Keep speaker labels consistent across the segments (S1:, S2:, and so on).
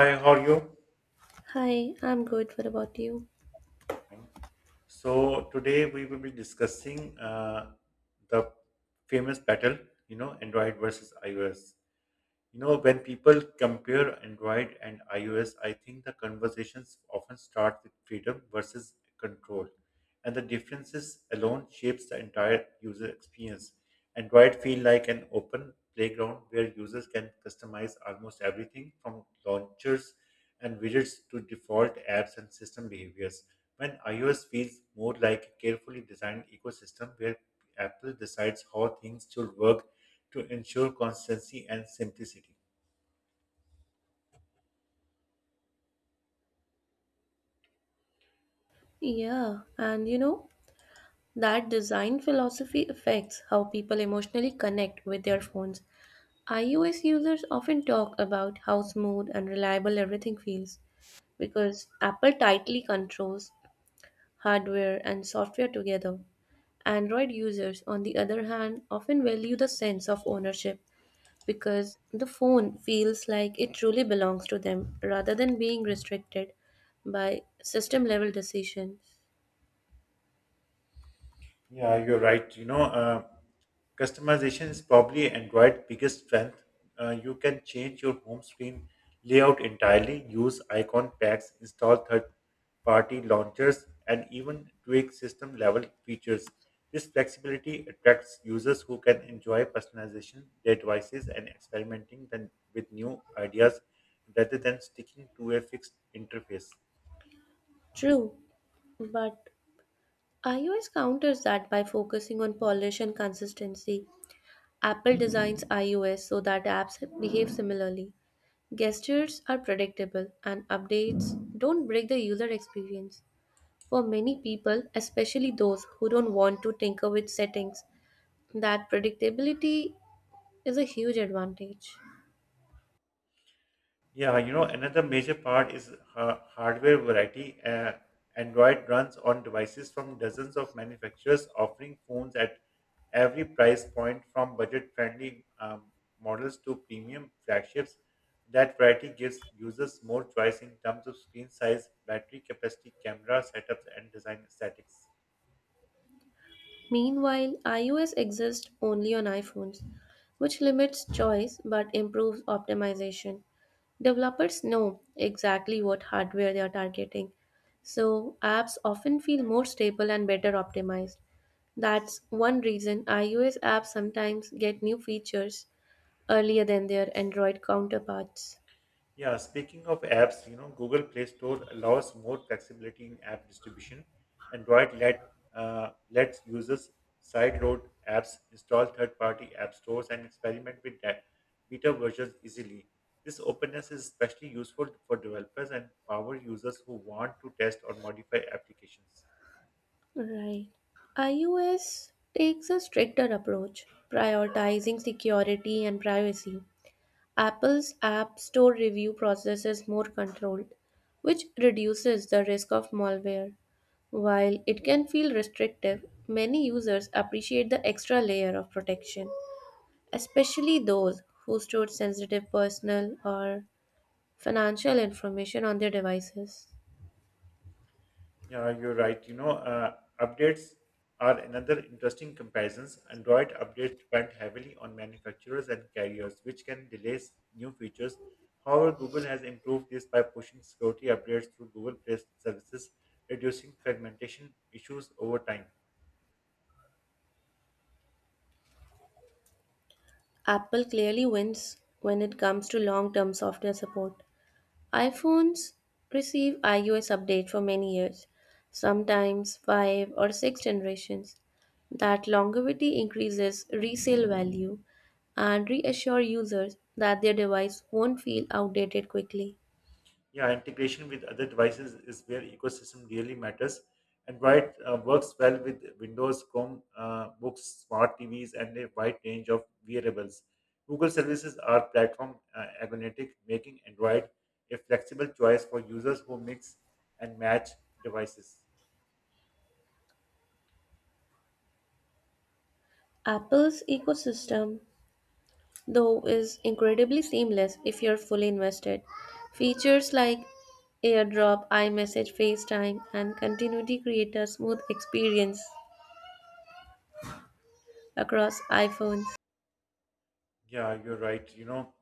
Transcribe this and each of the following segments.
S1: Hi, how are you?
S2: Hi, I'm good. What about you?
S1: Fine. So today we will be discussing the famous battle, you know, Android versus iOS. You know, when people compare Android and iOS, I think the conversations often start with freedom versus control, and the differences alone shapes the entire user experience. Android feel like an open playground where users can customize almost everything from launchers and widgets to default apps and system behaviors. When iOS feels more like a carefully designed ecosystem where Apple decides how things should work to ensure consistency and simplicity.
S2: Yeah, and you know, that design philosophy affects how people emotionally connect with their phones. iOS users often talk about how smooth and reliable everything feels because Apple tightly controls hardware and software together. Android users, on the other hand, often value the sense of ownership because the phone feels like it truly belongs to them rather than being restricted by system level decisions.
S1: Yeah, you're right. You know, customization is probably Android's biggest strength. You can change your home screen layout entirely, use icon packs, install third-party launchers, and even tweak system-level features. This flexibility attracts users who can enjoy personalization, their devices, and experimenting then with new ideas rather than sticking to a fixed interface.
S2: True, but iOS counters that by focusing on polish and consistency. Apple designs iOS so that apps behave similarly. Gestures are predictable and updates don't break the user experience. For many people, especially those who don't want to tinker with settings, that predictability is a huge advantage.
S1: Yeah, you know, another major part is hardware variety. Android runs on devices from dozens of manufacturers, offering phones at every price point, from budget-friendly models to premium flagships. That variety gives users more choice in terms of screen size, battery capacity, camera setups, and design aesthetics.
S2: Meanwhile, iOS exists only on iPhones, which limits choice but improves optimization. Developers know exactly what hardware they are targeting, so apps often feel more stable and better optimized. That's one reason iOS apps sometimes get new features earlier than their Android counterparts.
S1: Yeah, speaking of apps, you know, Google Play Store allows more flexibility in app distribution. Android lets users sideload apps, install third-party app stores, and experiment with beta versions easily. This openness is especially useful for developers and power users who want to test or modify applications.
S2: Right. iOS takes a stricter approach, prioritizing security and privacy. Apple's App Store review process is more controlled, which reduces the risk of malware. While it can feel restrictive, many users appreciate the extra layer of protection, especially those who store sensitive personal or financial information on their devices.
S1: Yeah, you're right. You know, updates are another interesting comparisons. Android updates depend heavily on manufacturers and carriers, which can delay new features. However, Google has improved this by pushing security updates through Google Play services, reducing fragmentation issues over time.
S2: Apple clearly wins when it comes to long term software support. iPhones receive iOS update for many years, sometimes 5 or 6 generations. That longevity increases resale value and reassure users that their device won't feel outdated quickly.
S1: Yeah, integration with other devices is where ecosystem really matters. Android works well with Windows, Chrome, books, smart TVs, and a wide range of wearables. Google services are platform agnostic, making Android a flexible choice for users who mix and match devices.
S2: Apple's ecosystem, though, is incredibly seamless if you're fully invested. Features like AirDrop, iMessage, FaceTime, and continuity create a smooth experience across iPhones.
S1: Yeah, you're right. You know,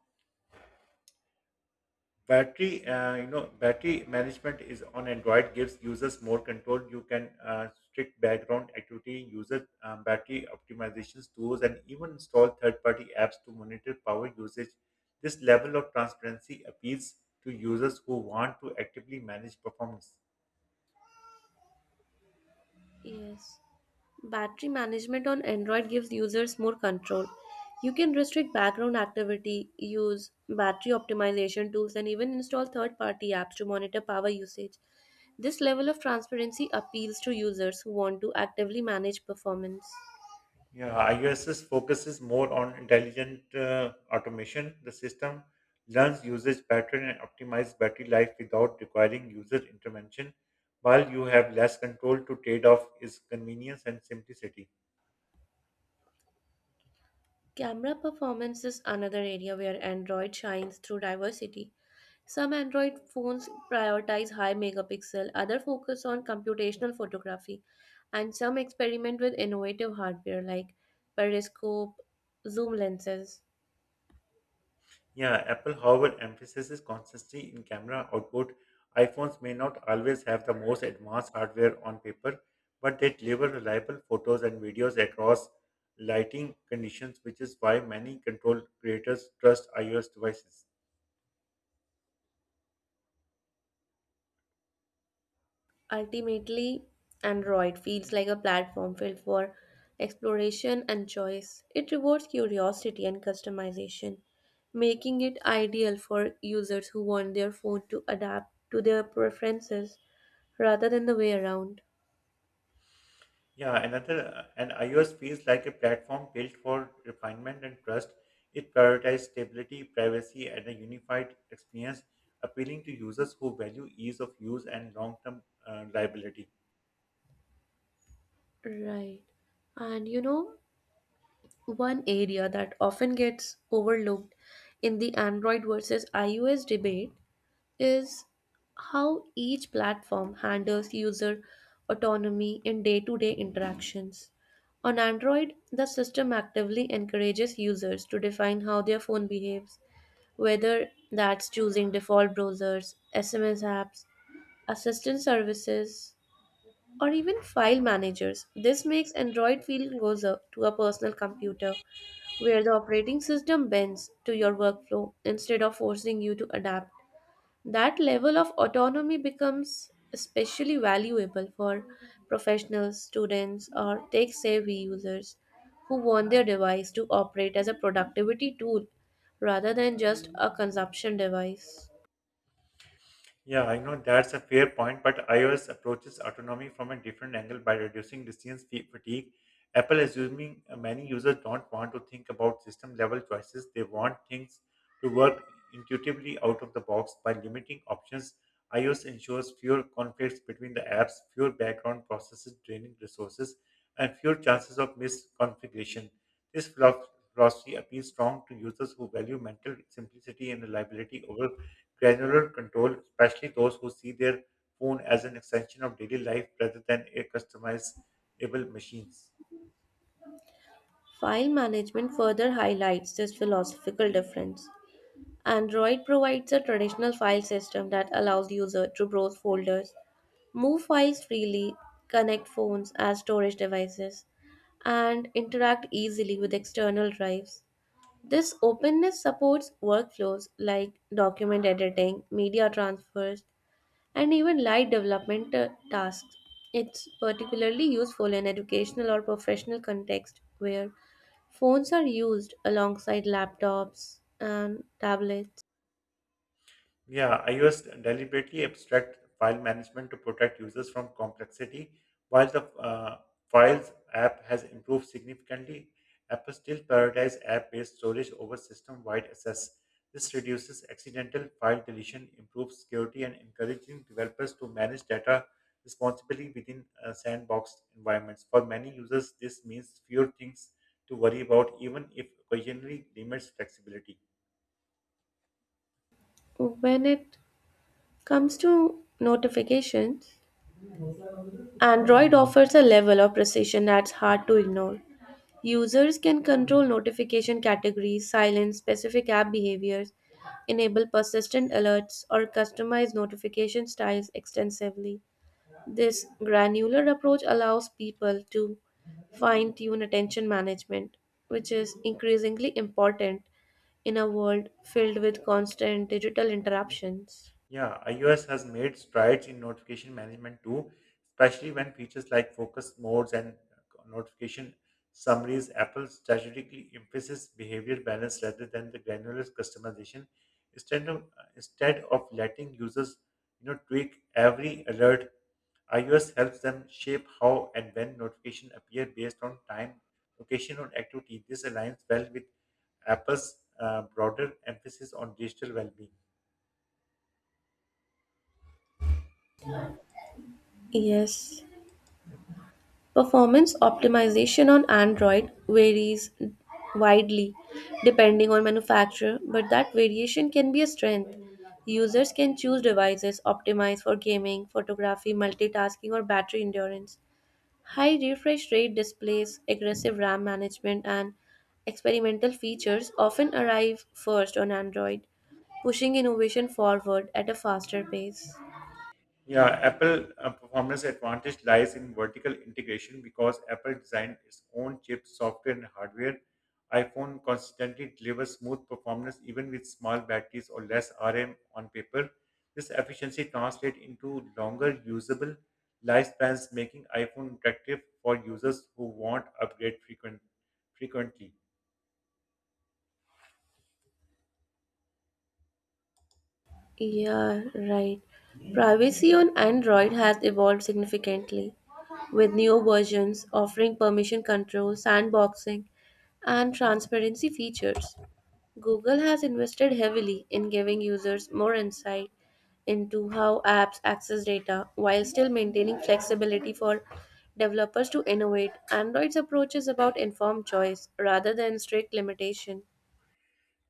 S1: battery You know battery management is on android gives users more control you can strict background activity user battery optimizations tools and even install third-party apps to monitor power usage. This level of transparency appeals to users who want to actively manage performance.
S2: Yes. Battery management on Android gives users more control. You can restrict background activity, use battery optimization tools, and even install third party apps to monitor power usage. This level of transparency appeals to users who want to actively manage performance.
S1: Yeah, IUS's focuses more on intelligent automation. The system learns usage pattern and optimizes battery life without requiring user intervention, while you have less control to trade off is convenience and simplicity.
S2: Camera performance is another area where Android shines through diversity. Some Android phones prioritize high megapixel, others focus on computational photography, and some experiment with innovative hardware like periscope, zoom lenses.
S1: Yeah, Apple, however, emphasizes consistency in camera output. iPhones may not always have the most advanced hardware on paper, but they deliver reliable photos and videos across lighting conditions, which is why many control creators trust iOS devices.
S2: Ultimately, Android feels like a platform filled for exploration and choice. It rewards curiosity and customization, making it ideal for users who want their phone to adapt to their preferences rather than the way around.
S1: Yeah, another and iOS feels like a platform built for refinement and trust. It prioritizes stability, privacy, and a unified experience, appealing to users who value ease of use and long-term reliability.
S2: Right. And you know, one area that often gets overlooked in the Android versus iOS debate is how each platform handles user autonomy in day to day interactions. On Android, the system actively encourages users to define how their phone behaves, whether that's choosing default browsers, SMS apps, assistant services, or even file managers. This makes Android feel closer to a personal computer where the operating system bends to your workflow instead of forcing you to adapt. That level of autonomy becomes especially valuable for professionals, students, or tech savvy users who want their device to operate as a productivity tool rather than just a consumption device.
S1: Yeah, I know that's a fair point, but iOS approaches autonomy from a different angle by reducing decisions fatigue. Apple assuming many users don't want to think about system level choices, they want things to work intuitively out of the box by limiting options. iOS ensures fewer conflicts between the apps, fewer background processes draining resources, and fewer chances of misconfiguration. This philosophy appeals strong to users who value mental simplicity and reliability over granular control, especially those who see their phone as an extension of daily life rather than a customizable machines.
S2: File management further highlights this philosophical difference. Android provides a traditional file system that allows users to browse folders move files freely, connect phones as storage devices, and interact easily with external drives. This openness supports workflows like document editing, media transfers, and even light development tasks. It's particularly useful in educational or professional context where phones are used alongside laptops and tablets.
S1: Yeah, iOS deliberately abstract file management to protect users from complexity. While the Files app has improved significantly, Apple still prioritizes app-based storage over system-wide access. This reduces accidental file deletion, improves security, and encouraging developers to manage data responsibly within sandboxed environments. For many users, this means fewer things to worry about, even if occasionally limits flexibility.
S2: When it comes to notifications, Android offers a level of precision that's hard to ignore. Users can control notification categories, silence specific app behaviors, enable persistent alerts, or customize notification styles extensively. This granular approach allows people to fine tune attention management, which is increasingly important in a world filled with constant digital interruptions.
S1: Yeah, iOS has made strides in notification management too, especially when features like focus modes and notification summaries. Apple strategically emphasizes behavior balance rather than the granular customization. Instead of letting users, you know, tweak every alert, iOS helps them shape how and when notifications appear based on time, location, or activity. This aligns well with Apple's broader emphasis on digital well-being.
S2: Yes. Performance optimization on Android varies widely depending on manufacturer, but that variation can be a strength. Users can choose devices optimized for gaming, photography, multitasking, or battery endurance. High refresh rate displays, aggressive RAM management, and experimental features often arrive first on Android, pushing innovation forward at a faster pace.
S1: Yeah, Apple performance advantage lies in vertical integration because Apple designed its own chips, software, and hardware. iPhone consistently delivers smooth performance even with small batteries or less RAM on paper. This efficiency translates into longer usable lifespans, making iPhone attractive for users who want upgrade frequently.
S2: Yeah, right. Privacy on Android has evolved significantly, with new versions offering permission control, sandboxing, and transparency features. Google has invested heavily in giving users more insight into how apps access data while still maintaining flexibility for developers to innovate. Android's approach is about informed choice rather than strict limitation.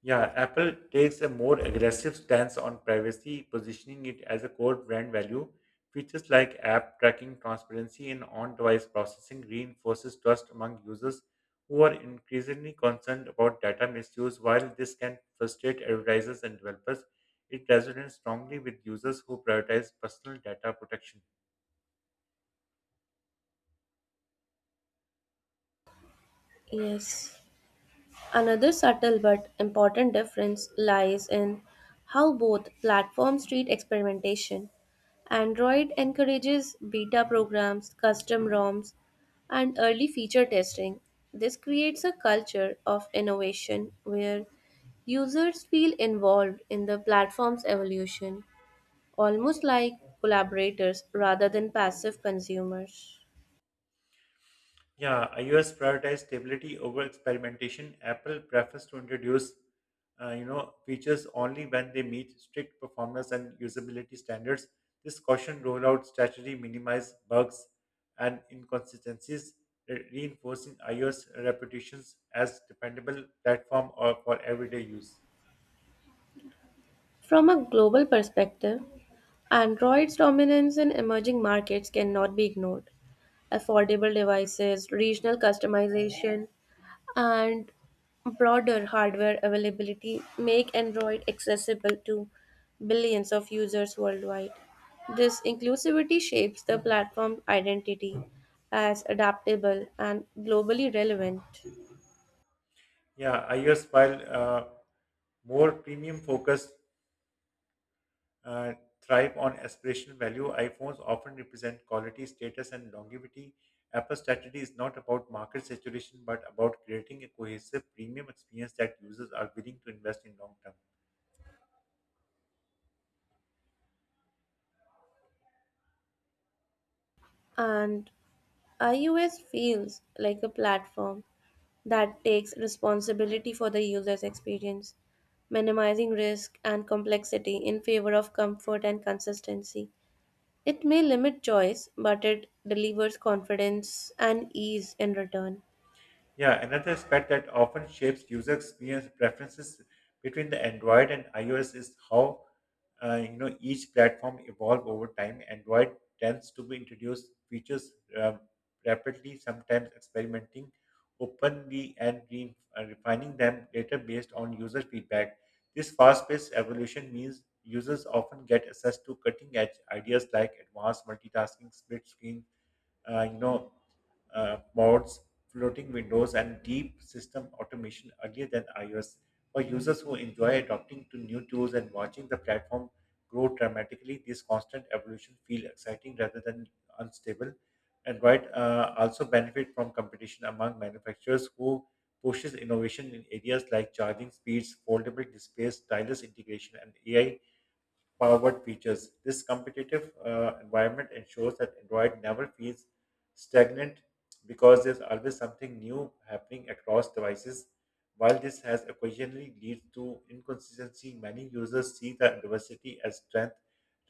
S1: Yeah, Apple takes a more aggressive stance on privacy, positioning it as a core brand value. Features like app tracking, transparency, and on device processing reinforces trust among users who are increasingly concerned about data misuse. While this can frustrate advertisers and developers, it resonates strongly with users who prioritize personal data protection.
S2: Yes. Another subtle but important difference lies in how both platforms treat experimentation. Android encourages beta programs, custom ROMs, and early feature testing. This creates a culture of innovation where users feel involved in the platform's evolution, almost like collaborators rather than passive consumers.
S1: Yeah, iOS prioritizes stability over experimentation. Apple prefers to introduce, you know, features only when they meet strict performance and usability standards. This caution rollout strategy minimizes bugs and inconsistencies, reinforcing iOS reputations as dependable platform or for everyday use.
S2: From a global perspective, Android's dominance in emerging markets cannot be ignored. Affordable devices, regional customization, and broader hardware availability make Android accessible to billions of users worldwide. This inclusivity shapes the platform's identity as adaptable and globally relevant.
S1: Yeah, iOS while more premium focused uh, thrive on aspirational value. iPhones often represent quality, status, and longevity. Apple's strategy is not about market saturation but about creating a cohesive premium experience that users are willing to invest in long term.
S2: And iOS feels like a platform that takes responsibility for the user's experience, minimizing risk and complexity in favor of comfort and consistency. It may limit choice, but it delivers confidence and ease in return.
S1: Yeah, another aspect that often shapes user experience preferences between the Android and iOS is how you know each platform evolve over time. Android tends to be introduce features um, rapidly, sometimes experimenting openly and refining them later based on user feedback. This fast-paced evolution means users often get access to cutting-edge ideas like advanced multitasking, split screen uh, you know, boards, floating windows, and deep system automation earlier than iOS. For users who enjoy adopting to new tools and watching the platform grow dramatically, this constant evolution feels exciting rather than unstable. Android also benefit from competition among manufacturers who pushes innovation in areas like charging speeds, foldable displays, stylus integration, and AI Powered features. This competitive environment ensures that Android never feels stagnant because there's always something new happening across devices. While this has occasionally leads to inconsistency, many users see the diversity as strength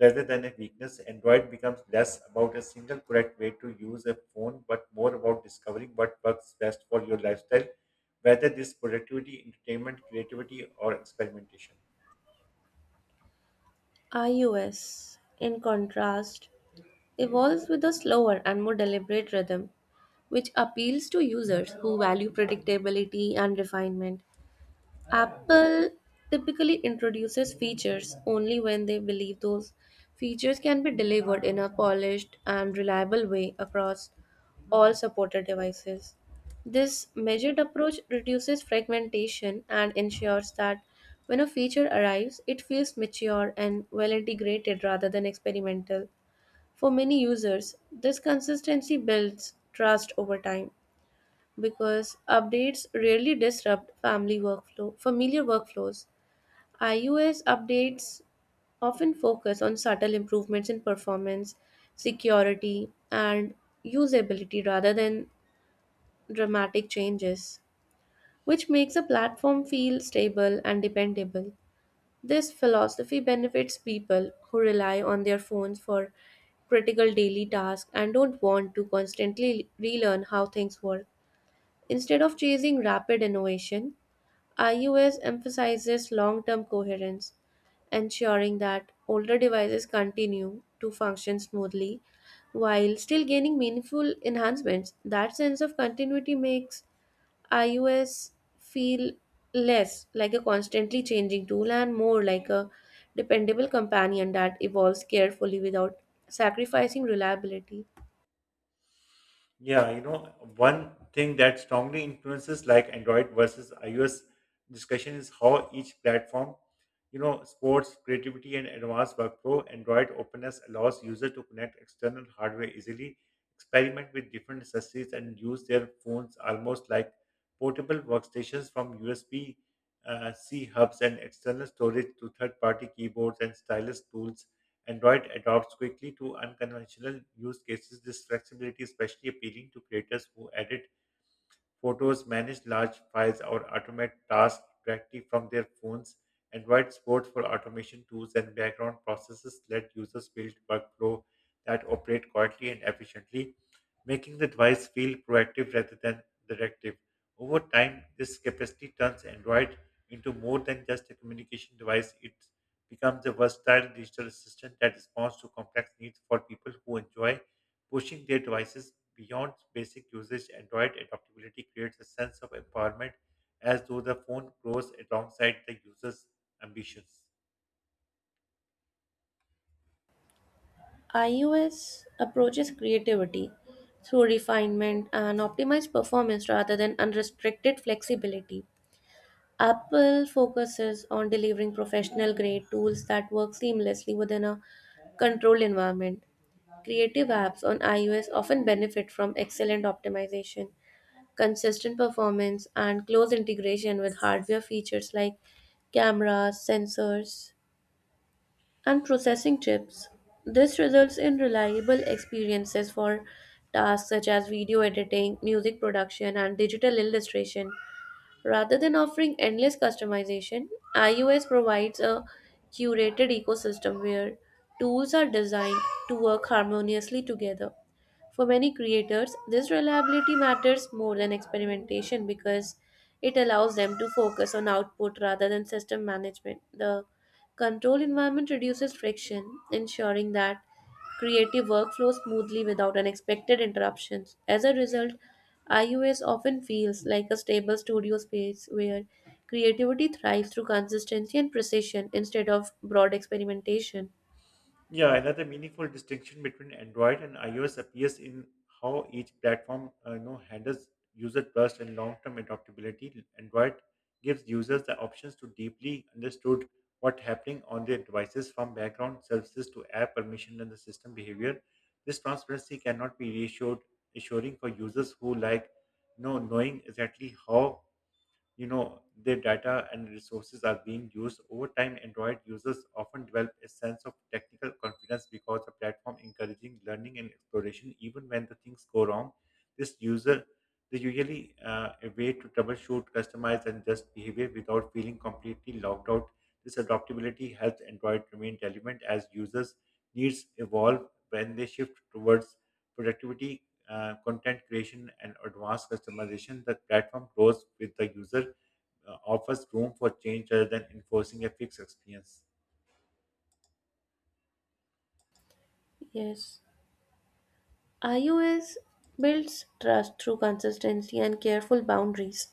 S1: rather than a weakness. Android becomes less about a single correct way to use a phone, but more about discovering what works best for your lifestyle, whether this productivity, entertainment, creativity, or experimentation.
S2: iOS, in contrast, evolves with a slower and more deliberate rhythm, which appeals to users who value predictability and refinement. Apple typically introduces features only when they believe those features can be delivered in a polished and reliable way across all supported devices. This measured approach reduces fragmentation and ensures that when a feature arrives, it feels mature and well integrated rather than experimental. For many users, this consistency builds trust over time because updates rarely disrupt family workflow familiar workflows. iOS updates often focus on subtle improvements in performance, security, and usability rather than dramatic changes, which makes a platform feel stable and dependable. This philosophy benefits people who rely on their phones for critical daily tasks and don't want to constantly relearn how things work. Instead of chasing rapid innovation, iOS emphasizes long term coherence, ensuring that older devices continue to function smoothly while still gaining meaningful enhancements. That sense of continuity makes iOS feel less like a constantly changing tool and more like a dependable companion that evolves carefully without sacrificing reliability.
S1: Yeah, you know, one thing that strongly influences like Android versus iOS discussion is how each platform, you know, sports creativity and advanced workflow. Android openness allows user to connect external hardware easily, experiment with different accessories, and use their phones almost like portable workstations from USB C hubs and external storage to third-party keyboards and stylus tools. Android adopts quickly to unconventional use cases. This flexibility is especially appealing to creators who edit photos, manage large files, or automate tasks directly from their phones. Android supports for automation tools and background processes let users build workflow that operate quietly and efficiently, making the device feel proactive rather than directive. Over time, this capacity turns Android into more than just a communication device. It becomes a versatile digital assistant that responds to complex needs for people who enjoy pushing their devices beyond basic usage. Android adaptability creates a sense of empowerment as though the phone grows alongside the user's ambitions.
S2: iOS approaches creativity through refinement and optimized performance rather than unrestricted flexibility. Apple focuses on delivering professional grade tools that work seamlessly within a controlled environment. Creative apps on iOS often benefit from excellent optimization, consistent performance, and close integration with hardware features like cameras, sensors, and processing chips. This results in reliable experiences for tasks such as video editing, music production, and digital illustration. Rather than offering endless customization, iOS provides a curated ecosystem where tools are designed to work harmoniously together. For many creators, this reliability matters more than experimentation because it allows them to focus on output rather than system management. The control environment reduces friction, ensuring that creative workflows smoothly without unexpected interruptions. As a result, iOS often feels like a stable studio space where creativity thrives through consistency and precision instead of broad experimentation.
S1: Yeah, another meaningful distinction between Android and iOS appears in how each platform you know, handles user trust and long-term adaptability. Android gives users the options to deeply understood what's happening on their devices from background services to app permission and the system behavior. This transparency cannot be reassured assuring for users who like you know, knowing exactly how you know their data and resources are being used over time. Android users often develop a sense of technical confidence because the platform encouraging learning and exploration even when the things go wrong. This user they usually a way to troubleshoot customize and adjust behavior without feeling completely locked out. This adaptability helps android remain relevant as users needs evolve when they shift towards productivity content creation and advanced customization, the platform grows with the user, offers room for change rather than enforcing a fixed experience.
S2: Yes. iOS builds trust through consistency and careful boundaries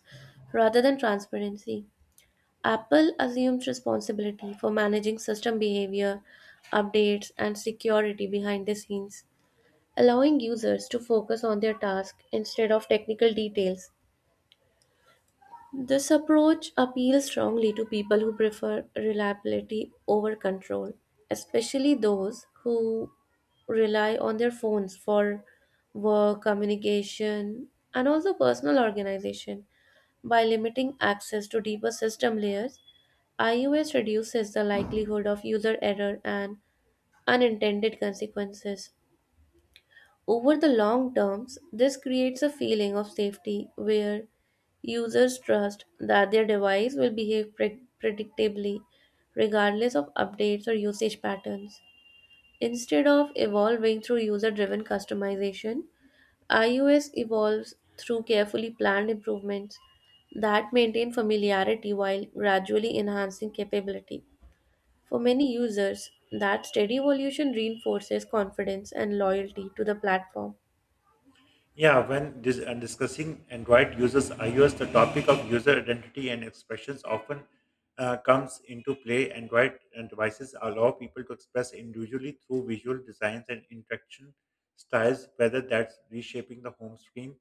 S2: rather than transparency. Apple assumes responsibility for managing system behavior, updates, and security behind the scenes, allowing users to focus on their task instead of technical details. This approach appeals strongly to people who prefer reliability over control, especially those who rely on their phones for work, communication, and also personal organization. By limiting access to deeper system layers, iOS reduces the likelihood of user error and unintended consequences. Over the long terms, this creates a feeling of safety where users trust that their device will behave predictably regardless of updates or usage patterns. Instead of evolving through user driven customization, iOS evolves through carefully planned improvements that maintain familiarity while gradually enhancing capability. For many users, that steady evolution reinforces confidence and loyalty to the platform.
S1: Yeah, when discussing Android users iOS, the topic of user identity and expressions often comes into play. Android and devices allow people to express individually through visual designs and interaction styles, whether that's reshaping the home screen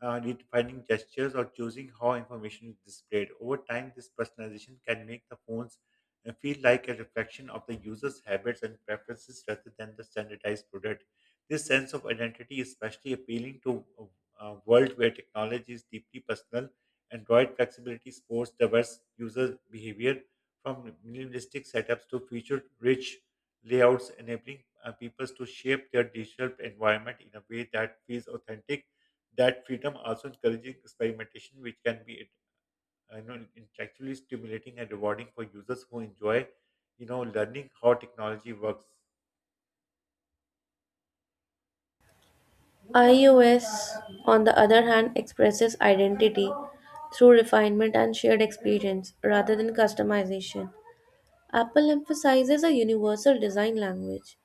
S1: redefining gestures, or choosing how information is displayed. Over time, this personalization can make the phones feel like a reflection of the user's habits and preferences rather than the standardized product. This sense of identity is especially appealing to a world where technology is deeply personal. Android flexibility supports diverse user behavior from minimalistic setups to feature-rich layouts, enabling people to shape their digital environment in a way that feels authentic. That freedom also encourages experimentation, which can be you know, intellectually stimulating and rewarding for users who enjoy, you know, learning how technology works.
S2: iOS, on the other hand, expresses identity through refinement and shared experience rather than customization. Apple emphasizes a universal design language,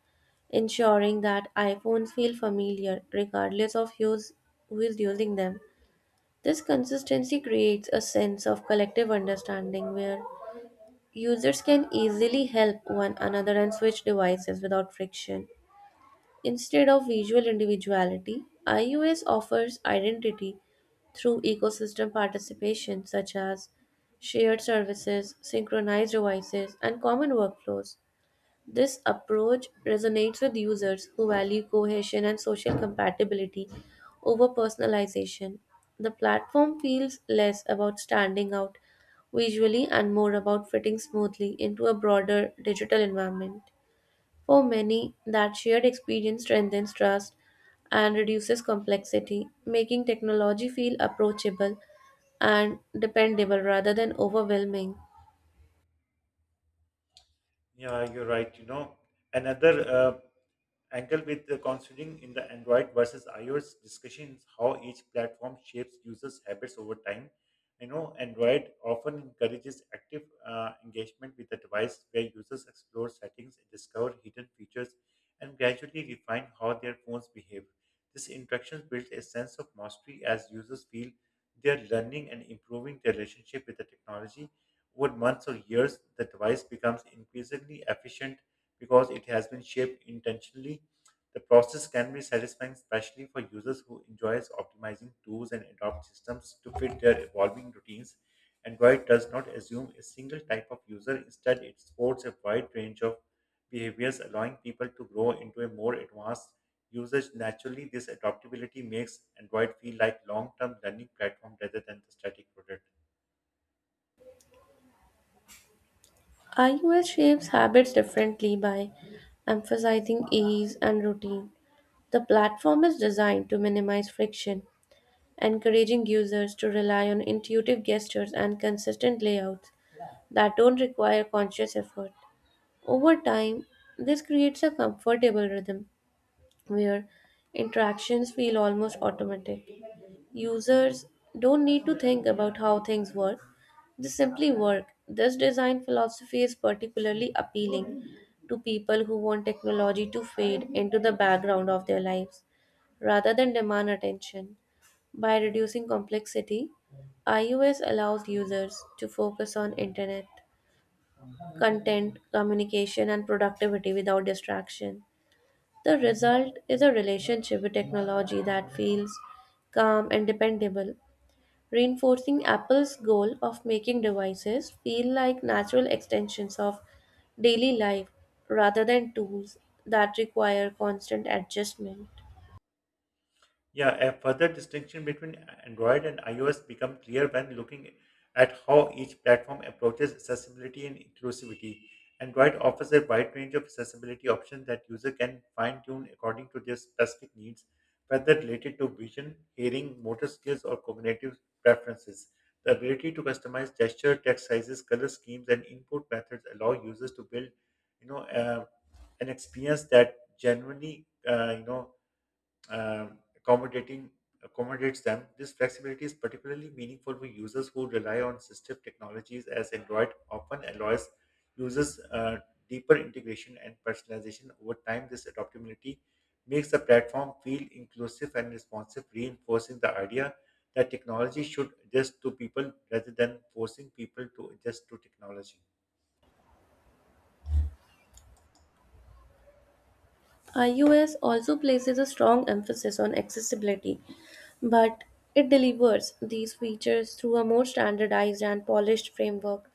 S2: ensuring that iPhones feel familiar regardless of who is using them. This consistency creates a sense of collective understanding where users can easily help one another and switch devices without friction. Instead of visual individuality, IUS offers identity through ecosystem participation such as shared services, synchronized devices, and common workflows. This approach resonates with users who value cohesion and social compatibility over personalization. The platform feels less about standing out visually and more about fitting smoothly into a broader digital environment. For many, that shared experience strengthens trust and reduces complexity, making technology feel approachable and dependable rather than overwhelming.
S1: Yeah, you're right. You know, another angle with the considering in the Android versus iOS discussions how each platform shapes users' habits over time. You know, Android often encourages active engagement with the device where users explore settings, discover hidden features, and gradually refine how their phones behave. This interaction builds a sense of mastery as users feel they are learning and improving their relationship with the technology. Over months or years, the device becomes increasingly efficient because it has been shaped intentionally. The process can be satisfying, especially for users who enjoys optimizing tools and adopt systems to fit their evolving routines. Android does not assume a single type of user. Instead, it supports a wide range of behaviors, allowing people to grow into a more advanced usage. Naturally, this adaptability makes Android feel like long-term learning platform rather than the static product.
S2: iOS shapes habits differently by emphasizing ease and routine. The platform is designed to minimize friction, encouraging users to rely on intuitive gestures and consistent layouts that don't require conscious effort. Over time, this creates a comfortable rhythm where interactions feel almost automatic. Users don't need to think about how things work, they simply work. This design philosophy is particularly appealing to people who want technology to fade into the background of their lives rather than demand attention. By reducing complexity, iOS allows users to focus on internet, content, communication, and productivity without distraction. The result is a relationship with technology that feels calm and dependable, reinforcing Apple's goal of making devices feel like natural extensions of daily life rather than tools that require constant adjustment.
S1: Yeah, a further distinction between Android and iOS become clear when looking at how each platform approaches accessibility and inclusivity. Android offers a wide range of accessibility options that user can fine-tune according to their specific needs, whether related to vision, hearing, motor skills, or cognitive preferences. The ability to customize gesture, text sizes, color schemes, and input methods allow users to build, you know, uh, an experience that genuinely, uh, accommodating accommodates them. This flexibility is particularly meaningful for users who rely on system technologies, as Android often allows users deeper integration and personalization over time. This adaptability makes the platform feel inclusive and responsive, reinforcing the idea that technology should adjust to people rather than forcing people to adjust to technology.
S2: iOS also places a strong emphasis on accessibility, but it delivers these features through a more standardized and polished framework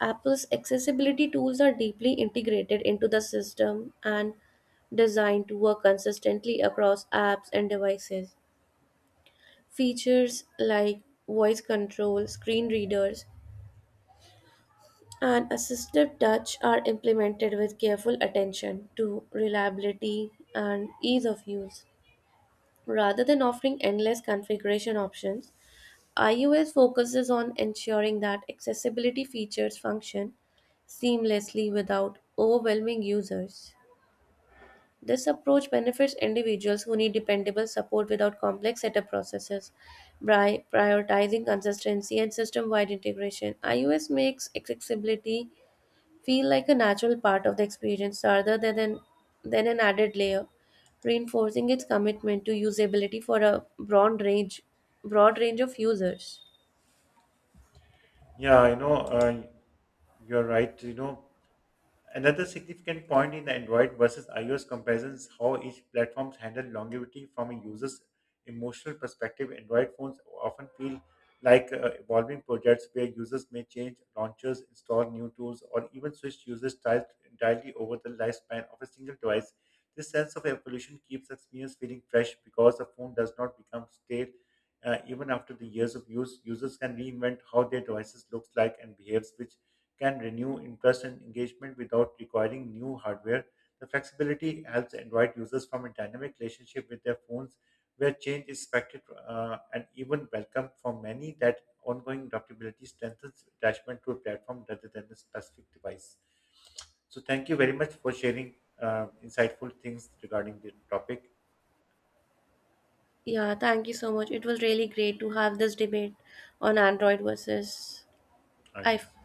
S2: Apple's accessibility tools are deeply integrated into the system and designed to work consistently across apps and devices. Features like voice control, screen readers, and assistive touch are implemented with careful attention to reliability and ease of use. Rather than offering endless configuration options, iOS focuses on ensuring that accessibility features function seamlessly without overwhelming users. This approach benefits individuals who need dependable support without complex setup processes. By prioritizing consistency and system wide integration, iOS makes accessibility feel like a natural part of the experience rather than than an added layer, reinforcing its commitment to usability for a broad range of users.
S1: Yeah, you know, you're right. You know, another significant point in the Android versus iOS comparison is how each platforms handle longevity from a user's emotional perspective. Android phones often feel like evolving projects where users may change launchers, install new tools, or even switch user styles entirely over the lifespan of a single device. This sense of evolution keeps the experience feeling fresh because the phone does not become stale. Even after the years of use, users can reinvent how their devices looks like and behaves, which can renew interest and engagement without requiring new hardware. The flexibility helps Android users form a dynamic relationship with their phones where change is expected and even welcome for many that ongoing adaptability strengthens attachment to a platform rather than a specific device. So thank you very much for sharing insightful things regarding the topic.
S2: Yeah, thank you so much. It was really great to have this debate on Android versus
S1: Ah,
S2: iPhone.
S1: yes.